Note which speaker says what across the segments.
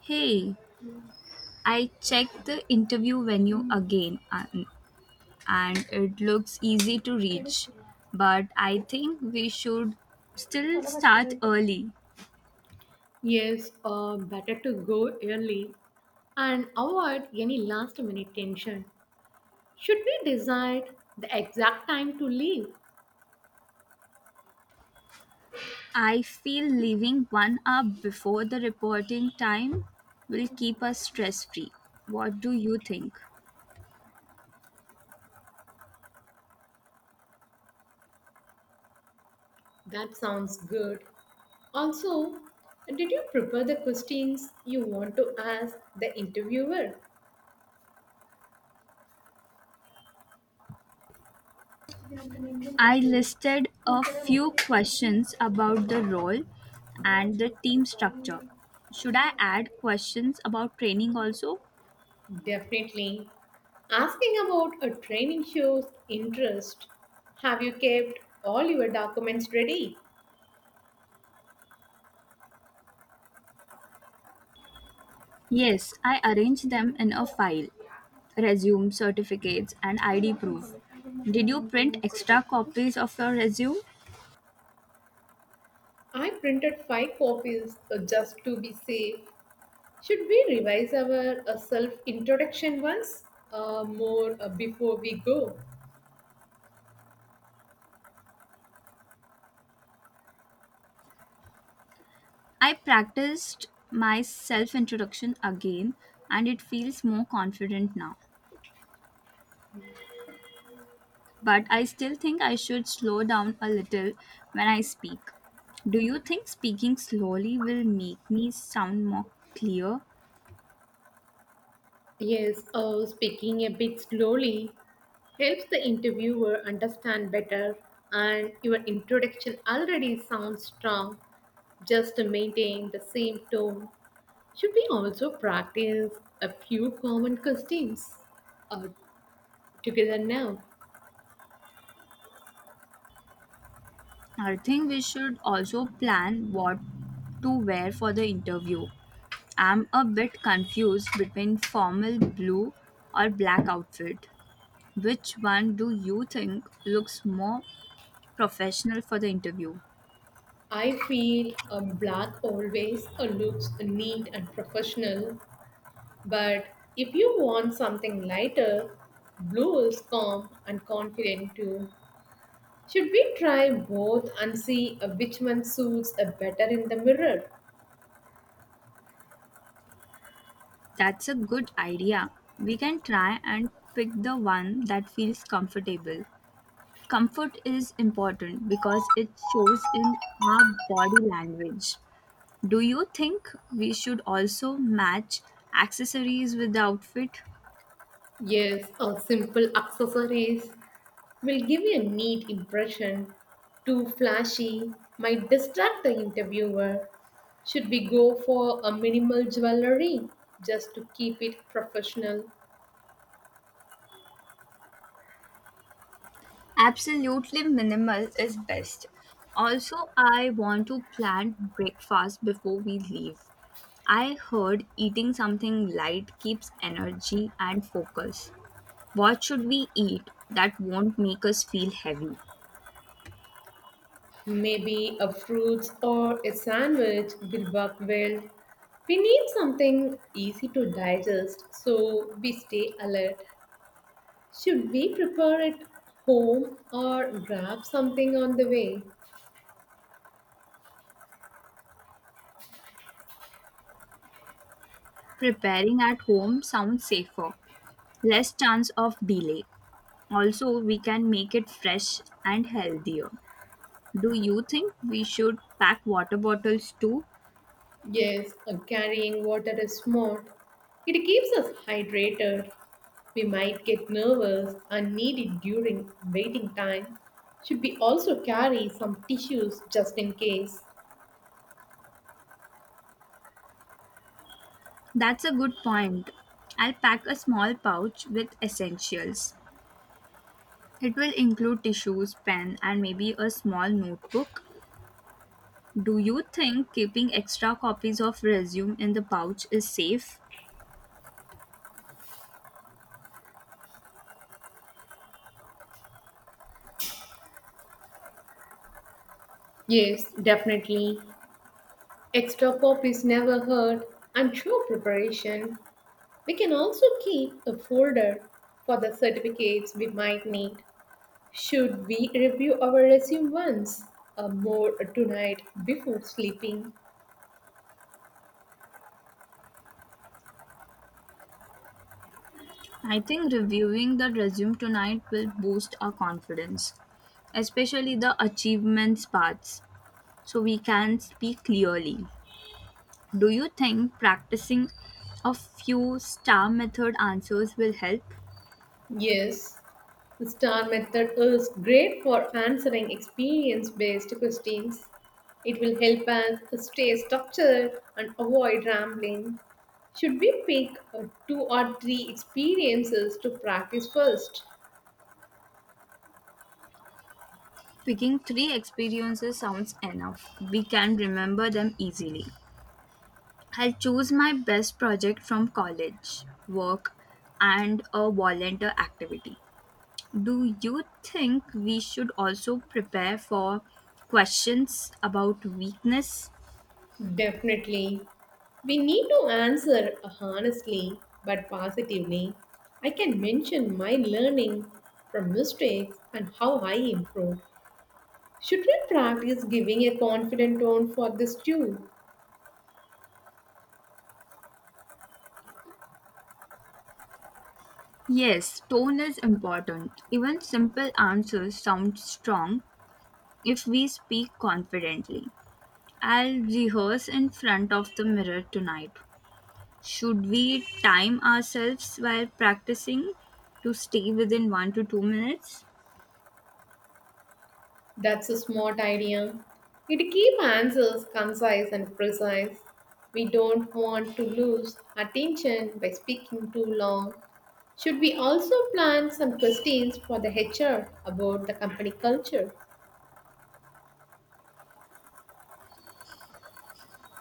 Speaker 1: Hey, I checked the interview venue again and it looks easy to reach. But I think we should still start early.
Speaker 2: Yes, better to go early and avoid any last minute tension. Should we decide the exact time to leave?
Speaker 1: I feel leaving 1 hour before the reporting time will keep us stress free. What do you think?
Speaker 2: That sounds good. Also, did you prepare the questions you want to ask the interviewer?
Speaker 1: I listed a few questions about the role and the team structure. Should I add questions about training also?
Speaker 2: Definitely. Asking about a training shows interest. Have you kept all your documents ready?
Speaker 1: Yes, I arrange them in a file resume, certificates, and ID proof. Did you print extra copies of your resume?
Speaker 2: I printed five copies just to be safe. Should we revise our self introduction once more before we go?
Speaker 1: I practiced my self introduction again and it feels more confident now. But I still think I should slow down a little when I speak. Do you think speaking slowly will make me sound more clear?
Speaker 2: Yes, oh, speaking a bit slowly helps the interviewer understand better, and your introduction already sounds strong. Just to maintain the same tone, should we also practice a few common questions uh, together now?
Speaker 1: I think we should also plan what to wear for the interview. I'm a bit confused between formal blue or black outfit. Which one do you think looks more professional for the interview?
Speaker 2: I feel a black always looks neat and professional. But if you want something lighter, blue is calm and confident too. Should we try both and see which one suits better in the mirror?
Speaker 1: That's a good idea. We can try and pick the one that feels comfortable. Comfort is important because it shows in our body language. Do you think we should also match accessories with the outfit?
Speaker 2: Yes, our simple accessories will give you a neat impression. Too flashy might distract the interviewer. Should we go for a minimal jewelry just to keep it professional?
Speaker 1: Absolutely minimal is best. Also, I want to plan breakfast before we leave. I heard eating something light keeps energy and focus. What should we eat that won't make us feel heavy?
Speaker 2: Maybe a fruits or a sandwich will work well. We need something easy to digest so we stay alert. Should we prepare it home or grab something on the way?
Speaker 1: Preparing at home sounds safer, less chance of delay. Also, we can make it fresh and healthier. Do you think we should pack water bottles too?
Speaker 2: Yes, carrying water is smart. It keeps us hydrated. We might get nervous and need it during waiting time. Should we also carry some tissues just in case?
Speaker 1: That's a good point. I'll pack a small pouch with essentials. It will include tissues, pen, and maybe a small notebook. Do you think keeping extra copies of resume in the pouch is safe?
Speaker 2: Yes, definitely. Extra copies never hurt, and show preparation. We can also keep a folder for the certificates we might need. Should we review our resume once or more tonight before sleeping?
Speaker 1: I think reviewing the resume tonight will boost our confidence, especially the achievements parts, so we can speak clearly. Do you think practicing a few star method answers will help?
Speaker 2: Yes, the STAR method is great for answering experience based questions. It will help us stay structured and avoid rambling. Should we pick two or three experiences to practice first?
Speaker 1: Picking three experiences sounds enough. We can remember them easily. I'll choose my best project from college, work, and a volunteer activity. Do you think we should also prepare for questions about weakness?
Speaker 2: Definitely. We need to answer honestly but positively. I can mention my learning from mistakes and how I improved. Should we practice giving a confident tone for this too?
Speaker 1: Yes, tone is important. Even simple answers sound strong if we speak confidently. I'll rehearse in front of the mirror tonight. Should we time ourselves while practicing to stay within 1 to 2 minutes?
Speaker 2: That's a smart idea. It keeps answers concise and precise. We don't want to lose attention by speaking too long. Should we also plan some questions for the HR about the company culture?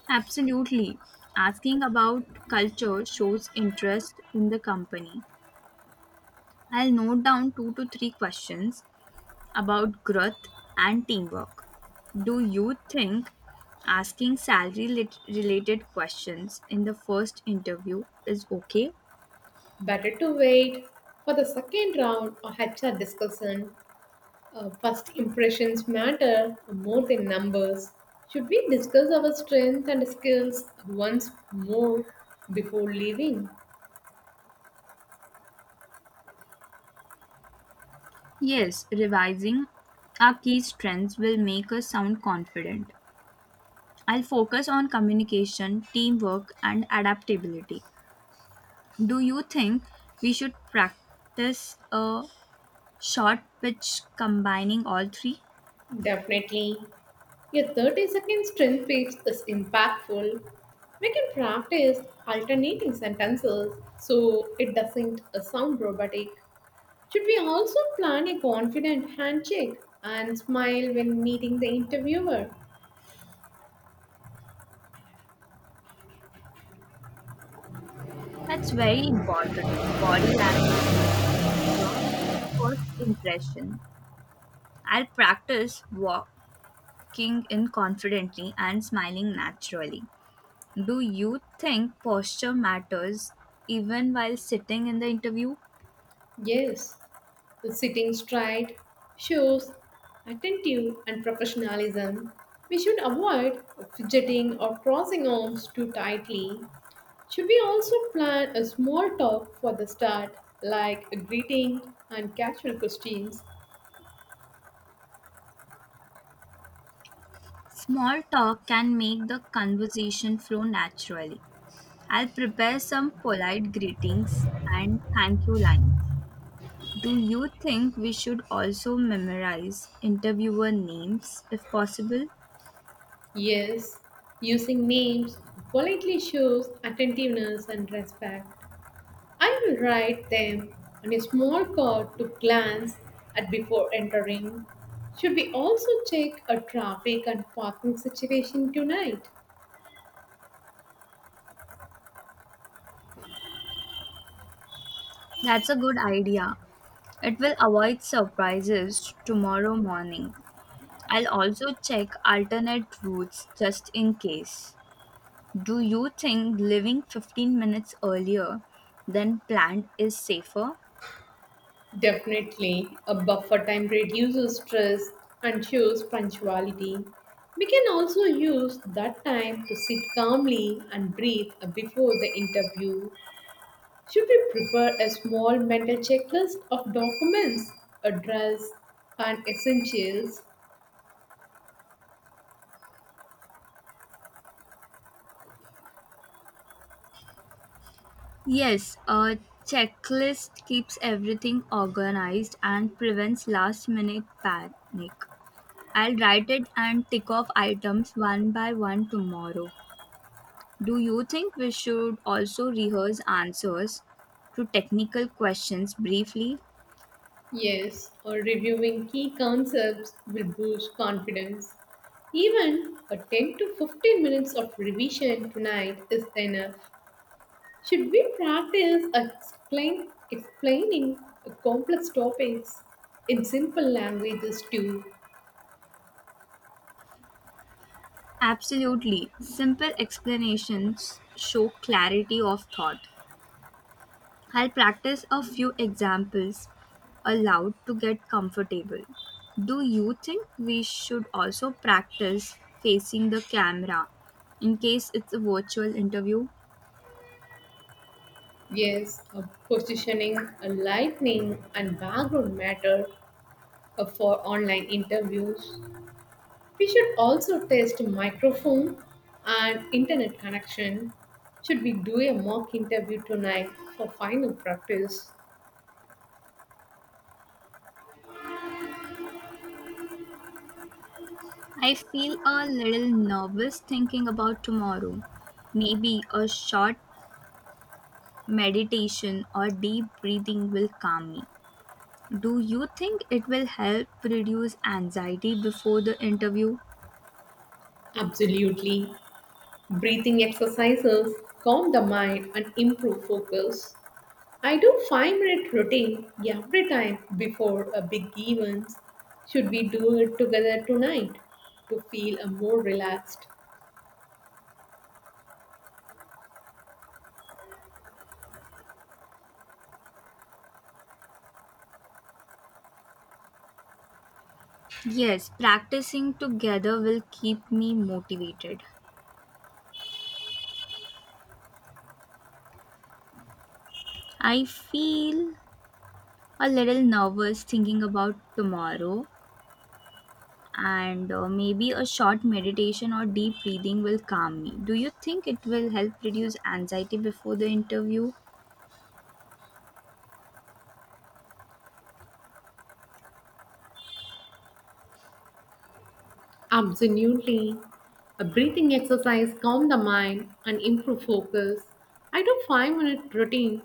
Speaker 1: Absolutely. Asking about culture shows interest in the company. I'll note down 2 to 3 questions about growth and teamwork. Do you think asking salary related questions in the first interview is okay?
Speaker 2: Better to wait for the second round or HR discussion. First impressions matter more than numbers. Should we discuss our strengths and skills once more before leaving?
Speaker 1: Yes, revising our key strengths will make us sound confident. I'll focus on communication, teamwork, and adaptability. Do you think we should practice a short pitch combining all three?
Speaker 2: Definitely. Your 30-second strength page is impactful. We can practice alternating sentences so it doesn't sound robotic. Should we also plan a confident handshake and smile when meeting the interviewer?
Speaker 1: That's very important. Body language, your first impression. I'll practice walking in confidently and smiling naturally. Do you think posture matters even while sitting in the interview?
Speaker 2: Yes, the sitting straight shows attentive and professionalism. We should avoid fidgeting or crossing arms too tightly. Should we also plan a small talk for the start, like a greeting and casual questions?
Speaker 1: Small talk can make the conversation flow naturally. I'll prepare some polite greetings and thank you lines. Do you think we should also memorize interviewer names if possible?
Speaker 2: Yes, using names politely shows attentiveness and respect. I will write them on a small card to glance at before entering. Should we also check a traffic and parking situation tonight?
Speaker 1: That's a good idea. It will avoid surprises tomorrow morning. I'll also check alternate routes just in case. Do you think living 15 minutes earlier than planned is safer?
Speaker 2: Definitely, a buffer time reduces stress and shows punctuality. We can also use that time to sit calmly and breathe before the interview. Should we prepare a small mental checklist of documents, a dress, and essentials?
Speaker 1: Yes, a checklist keeps everything organized and prevents last minute panic. I'll write it and tick off items one by one tomorrow. Do you think we should also rehearse answers to technical questions briefly?
Speaker 2: Yes, or reviewing key concepts will boost confidence. Even a 10 to 15 minutes of revision tonight is enough. Should we practice explaining complex topics in simple languages too?
Speaker 1: Absolutely. Simple explanations show clarity of thought. I'll practice a few examples aloud to get comfortable. Do you think we should also practice facing the camera in case it's a virtual interview?
Speaker 2: Yes, a positioning, a lightning, and background matter for online interviews. We should also test microphone and internet connection. Should we do a mock interview tonight for final practice?
Speaker 1: I feel a little nervous thinking about tomorrow. Maybe a short meditation or deep breathing will calm me. Do you think it will help reduce anxiety before the interview?
Speaker 2: Absolutely. Breathing exercises calm the mind and improve focus. I do 5-minute routine every time before a big event. Should we do it together tonight to feel a more relaxed?
Speaker 1: Yes, practicing together will keep me motivated. I feel a little nervous thinking about tomorrow, and maybe a short meditation or deep breathing will calm me. Do you think it will help reduce anxiety before the interview?
Speaker 2: Absolutely. A breathing exercise calm the mind and improve focus. I do 5-minute routine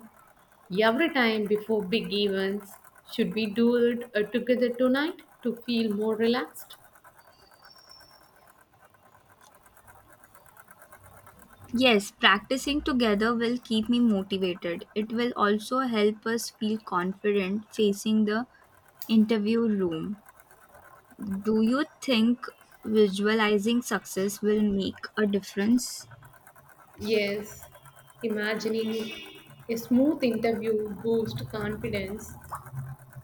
Speaker 2: every time before big events. Should we do it together tonight to feel more relaxed?
Speaker 1: Yes, practicing together will keep me motivated. It will also help us feel confident facing the interview room. Do you think visualizing success will make a difference?
Speaker 2: Yes. Imagining a smooth interview boosts confidence.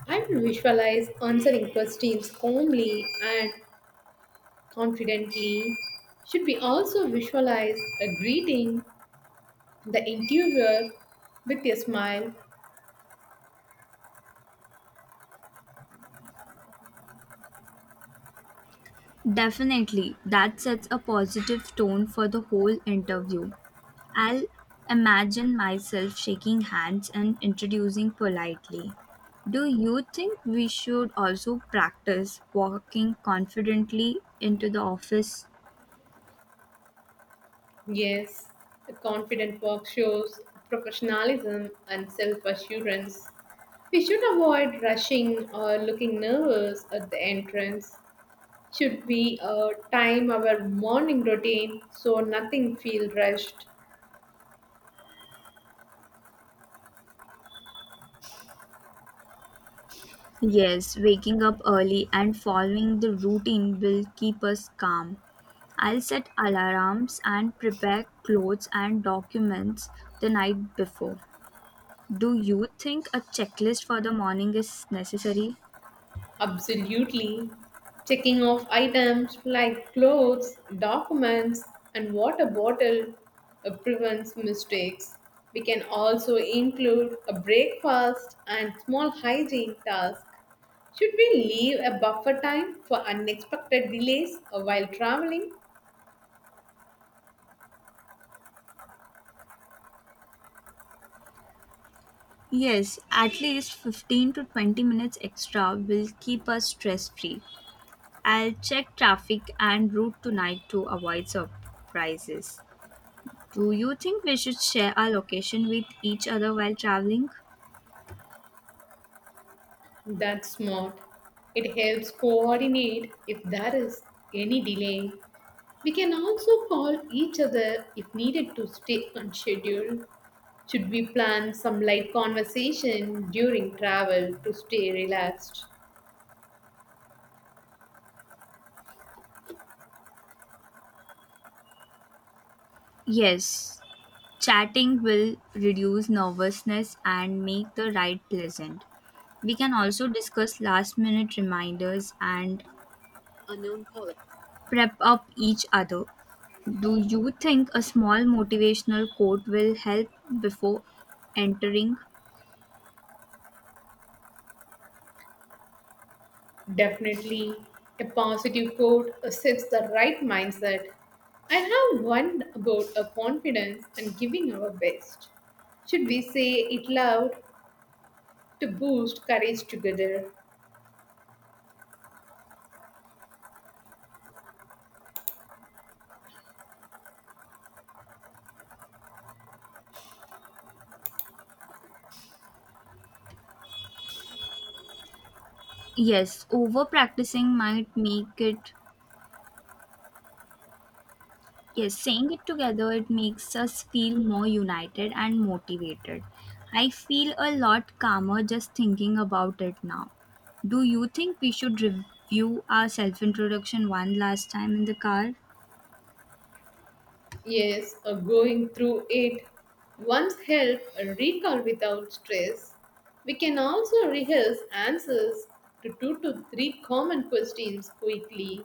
Speaker 2: I will visualize answering questions calmly and confidently. Should we also visualize a greeting the interviewer, with a smile?
Speaker 1: Definitely, that sets a positive tone for the whole interview. I'll imagine myself shaking hands and introducing politely. Do you think we should also practice walking confidently into the office?
Speaker 2: Yes, a confident walk shows professionalism and self assurance. We should avoid rushing or looking nervous at the entrance. Should we time our morning routine so nothing feels rushed?
Speaker 1: Yes, waking up early and following the routine will keep us calm. I'll set alarms and prepare clothes and documents the night before. Do you think a checklist for the morning is necessary?
Speaker 2: Absolutely. Checking off items like clothes, documents, and water bottle prevents mistakes. We can also include a breakfast and small hygiene task. Should we leave a buffer time for unexpected delays while traveling?
Speaker 1: Yes, at least 15 to 20 minutes extra will keep us stress free. I'll check traffic and route tonight to avoid surprises. Do you think we should share our location with each other while traveling?
Speaker 2: That's smart. It helps coordinate if there is any delay. We can also call each other if needed to stay on schedule. Should we plan some light conversation during travel to stay relaxed?
Speaker 1: Yes, chatting will reduce nervousness and make the ride pleasant. We can also discuss last minute reminders and prep up each other. Do you think a small motivational quote will help before entering?
Speaker 2: Definitely, a positive quote sets the right mindset. I have one about a confidence and giving our best. Should we say it loud to boost courage together?
Speaker 1: Yes, over practicing might make it, yes, saying it together, it makes us feel more united and motivated. I feel a lot calmer just thinking about it now. Do you think we should review our self introduction one last time in the car?
Speaker 2: Yes, going through it once help a recall without stress. We can also rehearse answers to two to three common questions quickly.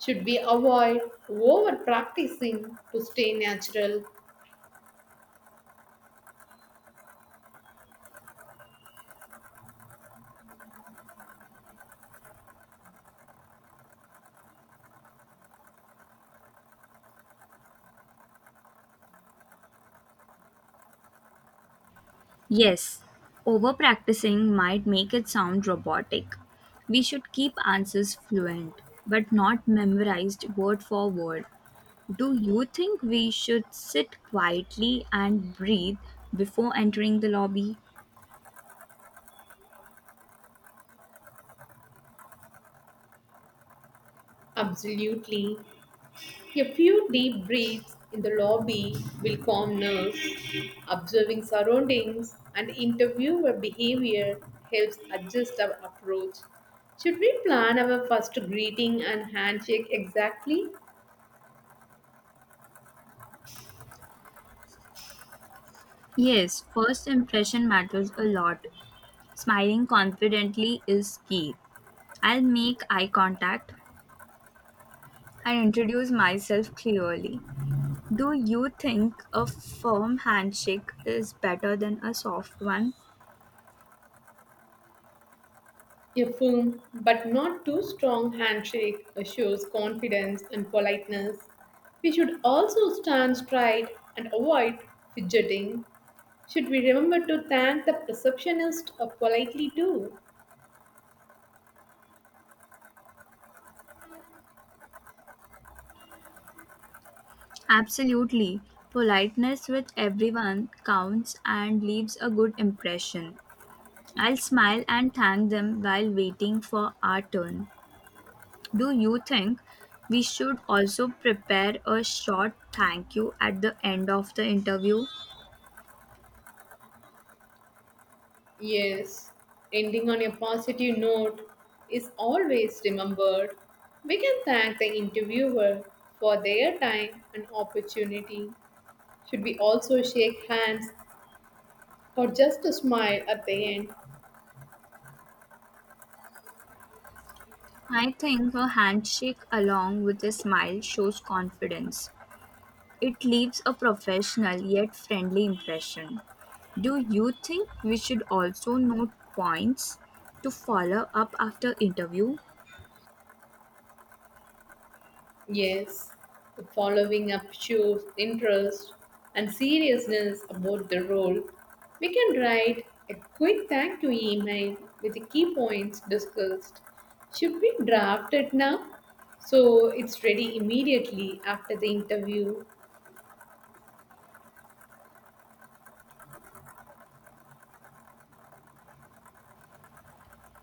Speaker 2: Should we avoid over practicing to stay natural?
Speaker 1: Yes, over practicing might make it sound robotic. We should keep answers fluent, but not memorized word for word. Do you think we should sit quietly and breathe before entering the lobby?
Speaker 2: Absolutely. A few deep breaths in the lobby will calm nerves. Observing surroundings and interviewer behavior helps adjust our approach. Should we plan our first greeting and handshake exactly?
Speaker 1: Yes, first impression matters a lot. Smiling confidently is key. I'll make eye contact and introduce myself clearly. Do you think a firm handshake is better than a soft one?
Speaker 2: A firm but not too strong handshake shows confidence and politeness. We should also stand straight and avoid fidgeting. Should we remember to thank the receptionist politely too?
Speaker 1: Absolutely. Politeness with everyone counts and leaves a good impression. I'll smile and thank them while waiting for our turn. Do you think we should also prepare a short thank you at the end of the interview?
Speaker 2: Yes, ending on a positive note is always remembered. We can thank the interviewer for their time and opportunity. Should we also shake hands or just a smile at the end?
Speaker 1: I think a handshake along with a smile shows confidence. It leaves a professional yet friendly impression. Do you think we should also note points to follow up after interview?
Speaker 2: Yes, the following up shows interest and seriousness about the role. We can write a quick thank you email with the key points discussed. Should we draft it now, so it's ready immediately after the interview?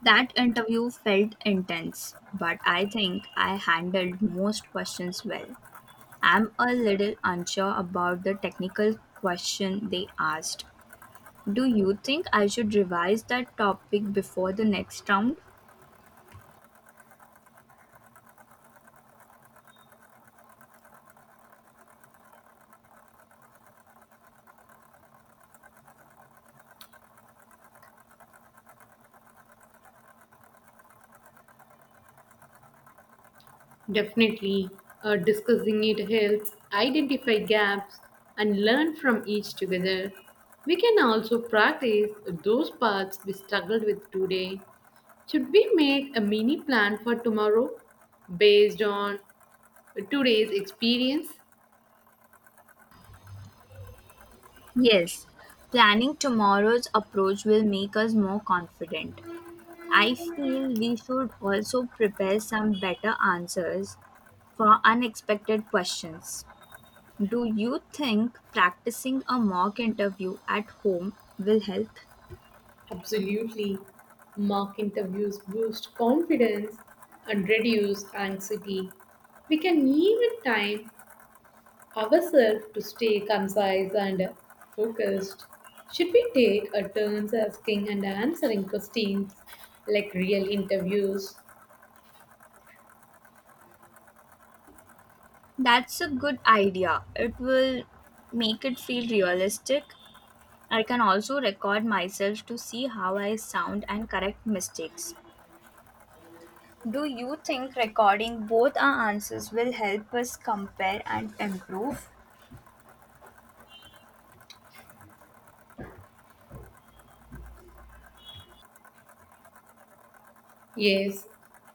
Speaker 1: That interview felt intense, but I think I handled most questions well. I'm a little unsure about the technical question they asked. Do you think I should revise that topic before the next round?
Speaker 2: Definitely, discussing it helps identify gaps and learn from each together. We can also practice those parts we struggled with today. Should we make a mini plan for tomorrow based on today's experience?
Speaker 1: Yes, planning tomorrow's approach will make us more confident. I feel we should also prepare some better answers for unexpected questions. Do you think practicing a mock interview at home will help?
Speaker 2: Absolutely. Mock interviews boost confidence and reduce anxiety. We can even time ourselves to stay concise and focused. Should we take a turns asking and answering questions like real interviews?
Speaker 1: That's a good idea. It will make it feel realistic. I can also record myself to see how I sound and correct mistakes. Do you think recording both our answers will help us compare and improve?
Speaker 2: Yes,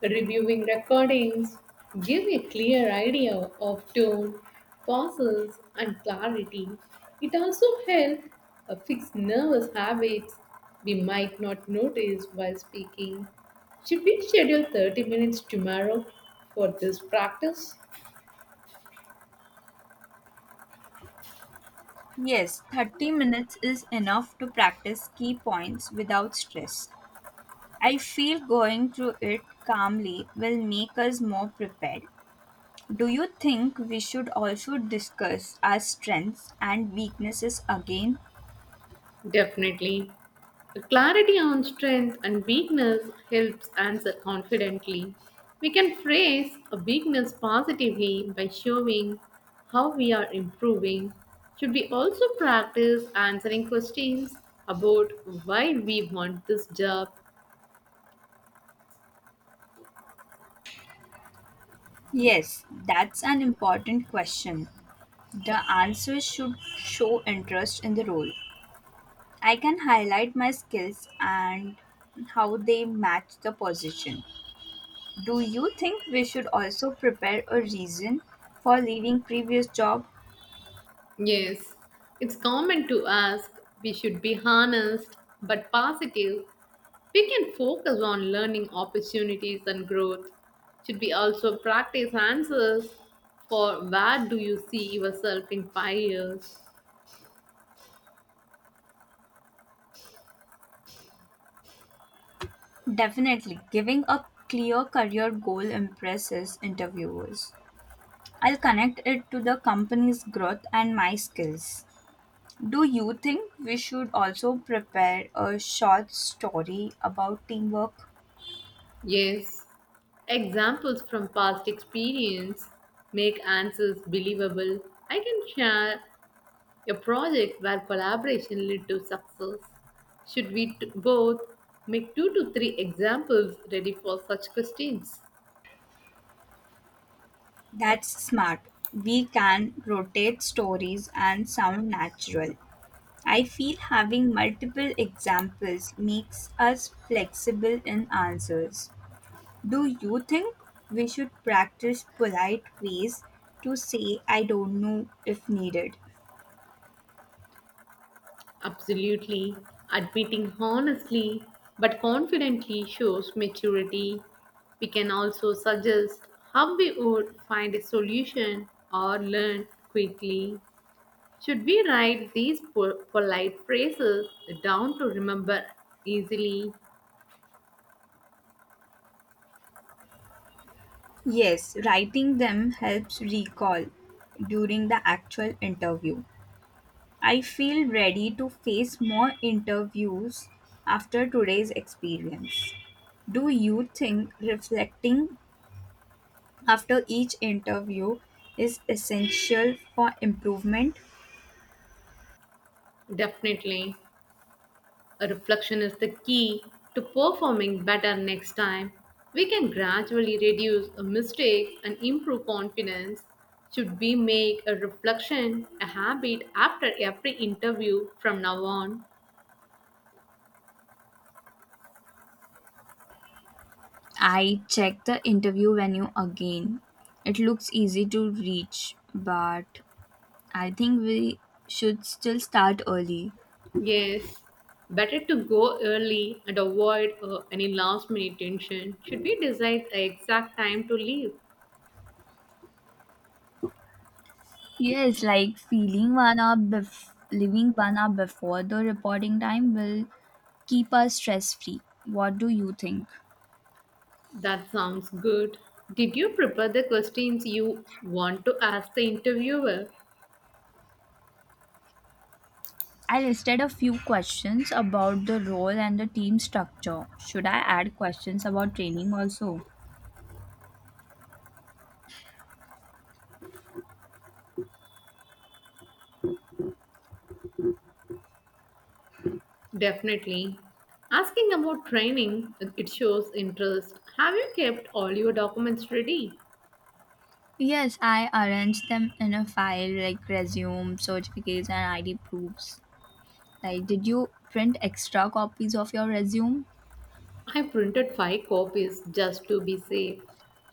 Speaker 2: reviewing recordings give a clear idea of tone, pauses, and clarity. It also helps fix nervous habits we might not notice while speaking. Should we schedule 30 minutes tomorrow for this practice?
Speaker 1: Yes, 30 minutes is enough to practice key points without stress. I feel going through it calmly will make us more prepared. Do you think we should also discuss our strengths and weaknesses again?
Speaker 2: Definitely. The clarity on strength and weakness helps answer confidently. We can phrase a weakness positively by showing how we are improving. Should we also practice answering questions about why we want this job?
Speaker 1: Yes, that's an important question. The answer should show interest in the role. I can highlight my skills and how they match the position. Do you think we should also prepare a reason for leaving previous job?
Speaker 2: Yes, it's common to ask. We should be honest but positive. We can focus on learning opportunities and growth. Should we also practice answers for where do you see yourself in 5 years?
Speaker 1: Definitely, giving a clear career goal impresses interviewers. I'll connect it to the company's growth and my skills. Do you think we should also prepare a short story about teamwork?
Speaker 2: Yes, examples from past experience make answers believable. I can share a project where collaboration led to success. Should we both make two to three examples ready for such questions?
Speaker 1: That's smart. We can rotate stories and sound natural. I feel having multiple examples makes us flexible in answers. Do you think we should practice polite ways to say I don't know if needed?
Speaker 2: Absolutely. Admitting honestly but confidently shows maturity. We can also suggest how we would find a solution or learn quickly. Should we write these polite phrases down to remember easily?
Speaker 1: Yes, writing them helps recall during the actual interview. I feel ready to face more interviews after today's experience. Do you think reflecting after each interview is essential for improvement.
Speaker 2: Definitely. A reflection is the key to performing better next time. We can gradually reduce a mistake and improve confidence. Should we make a reflection a habit after every interview from now on?
Speaker 1: I check the interview venue again. It looks easy to reach, but I think we should still start early.
Speaker 2: Yes. Better to go early and avoid any last minute tension. Should we decide the exact time to leave?
Speaker 1: Yes, like feeling 1 hour leaving 1 hour before the reporting time will keep us stress free. What do you think?
Speaker 2: That sounds good. Did you prepare the questions you want to ask the interviewer?
Speaker 1: I listed a few questions about the role and the team structure. Should I add questions about training also?
Speaker 2: Definitely. Asking about training, it shows interest. Have you kept all your documents ready?
Speaker 1: Yes, I arranged them in a file like resume, certificates, and ID proofs. Like, did you print extra copies of your resume?
Speaker 2: I printed five copies just to be safe.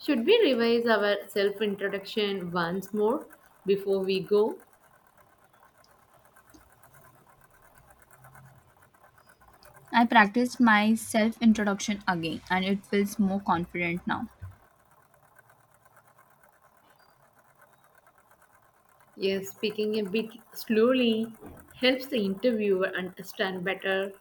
Speaker 2: Should we revise our self introduction once more before we go?
Speaker 1: I practiced my self introduction again, and it feels more confident now.
Speaker 2: Yes, speaking a bit slowly helps the interviewer understand better.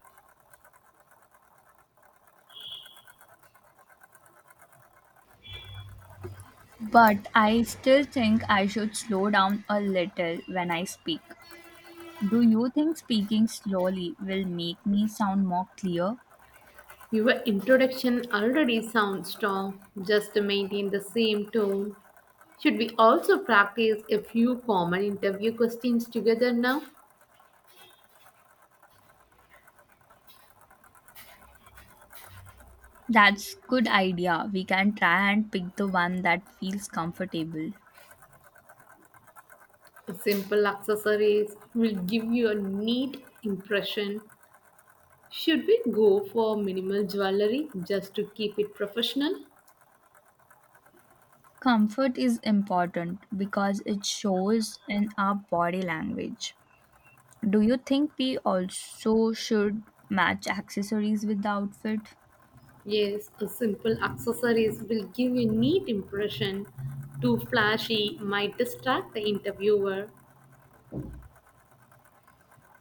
Speaker 1: But I still think I should slow down a little when I speak. Do you think speaking slowly will make me sound more clear?
Speaker 2: Your introduction already sounds strong. Just to maintain the same tone. Should we also practice a few common interview questions together now?
Speaker 1: That's good idea. We can try and pick the one that feels comfortable.
Speaker 2: Simple accessories will give you a neat impression. Should we go for minimal jewelry just to keep it professional?
Speaker 1: Comfort is important because it shows in our body language. Do you think we also should match accessories with the outfit?
Speaker 2: Yes, a simple accessories will give you a neat impression. Too flashy might distract the interviewer.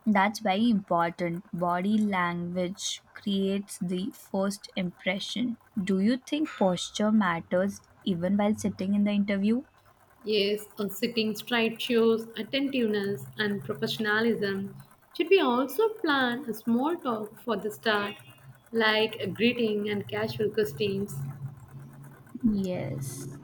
Speaker 1: That's very important. Body language creates the first impression. Do you think posture matters even while sitting in the interview?
Speaker 2: Yes, on sitting straight shows attentiveness and professionalism. Should we also plan a small talk for the start, like a greeting and casual questions?
Speaker 1: Yes.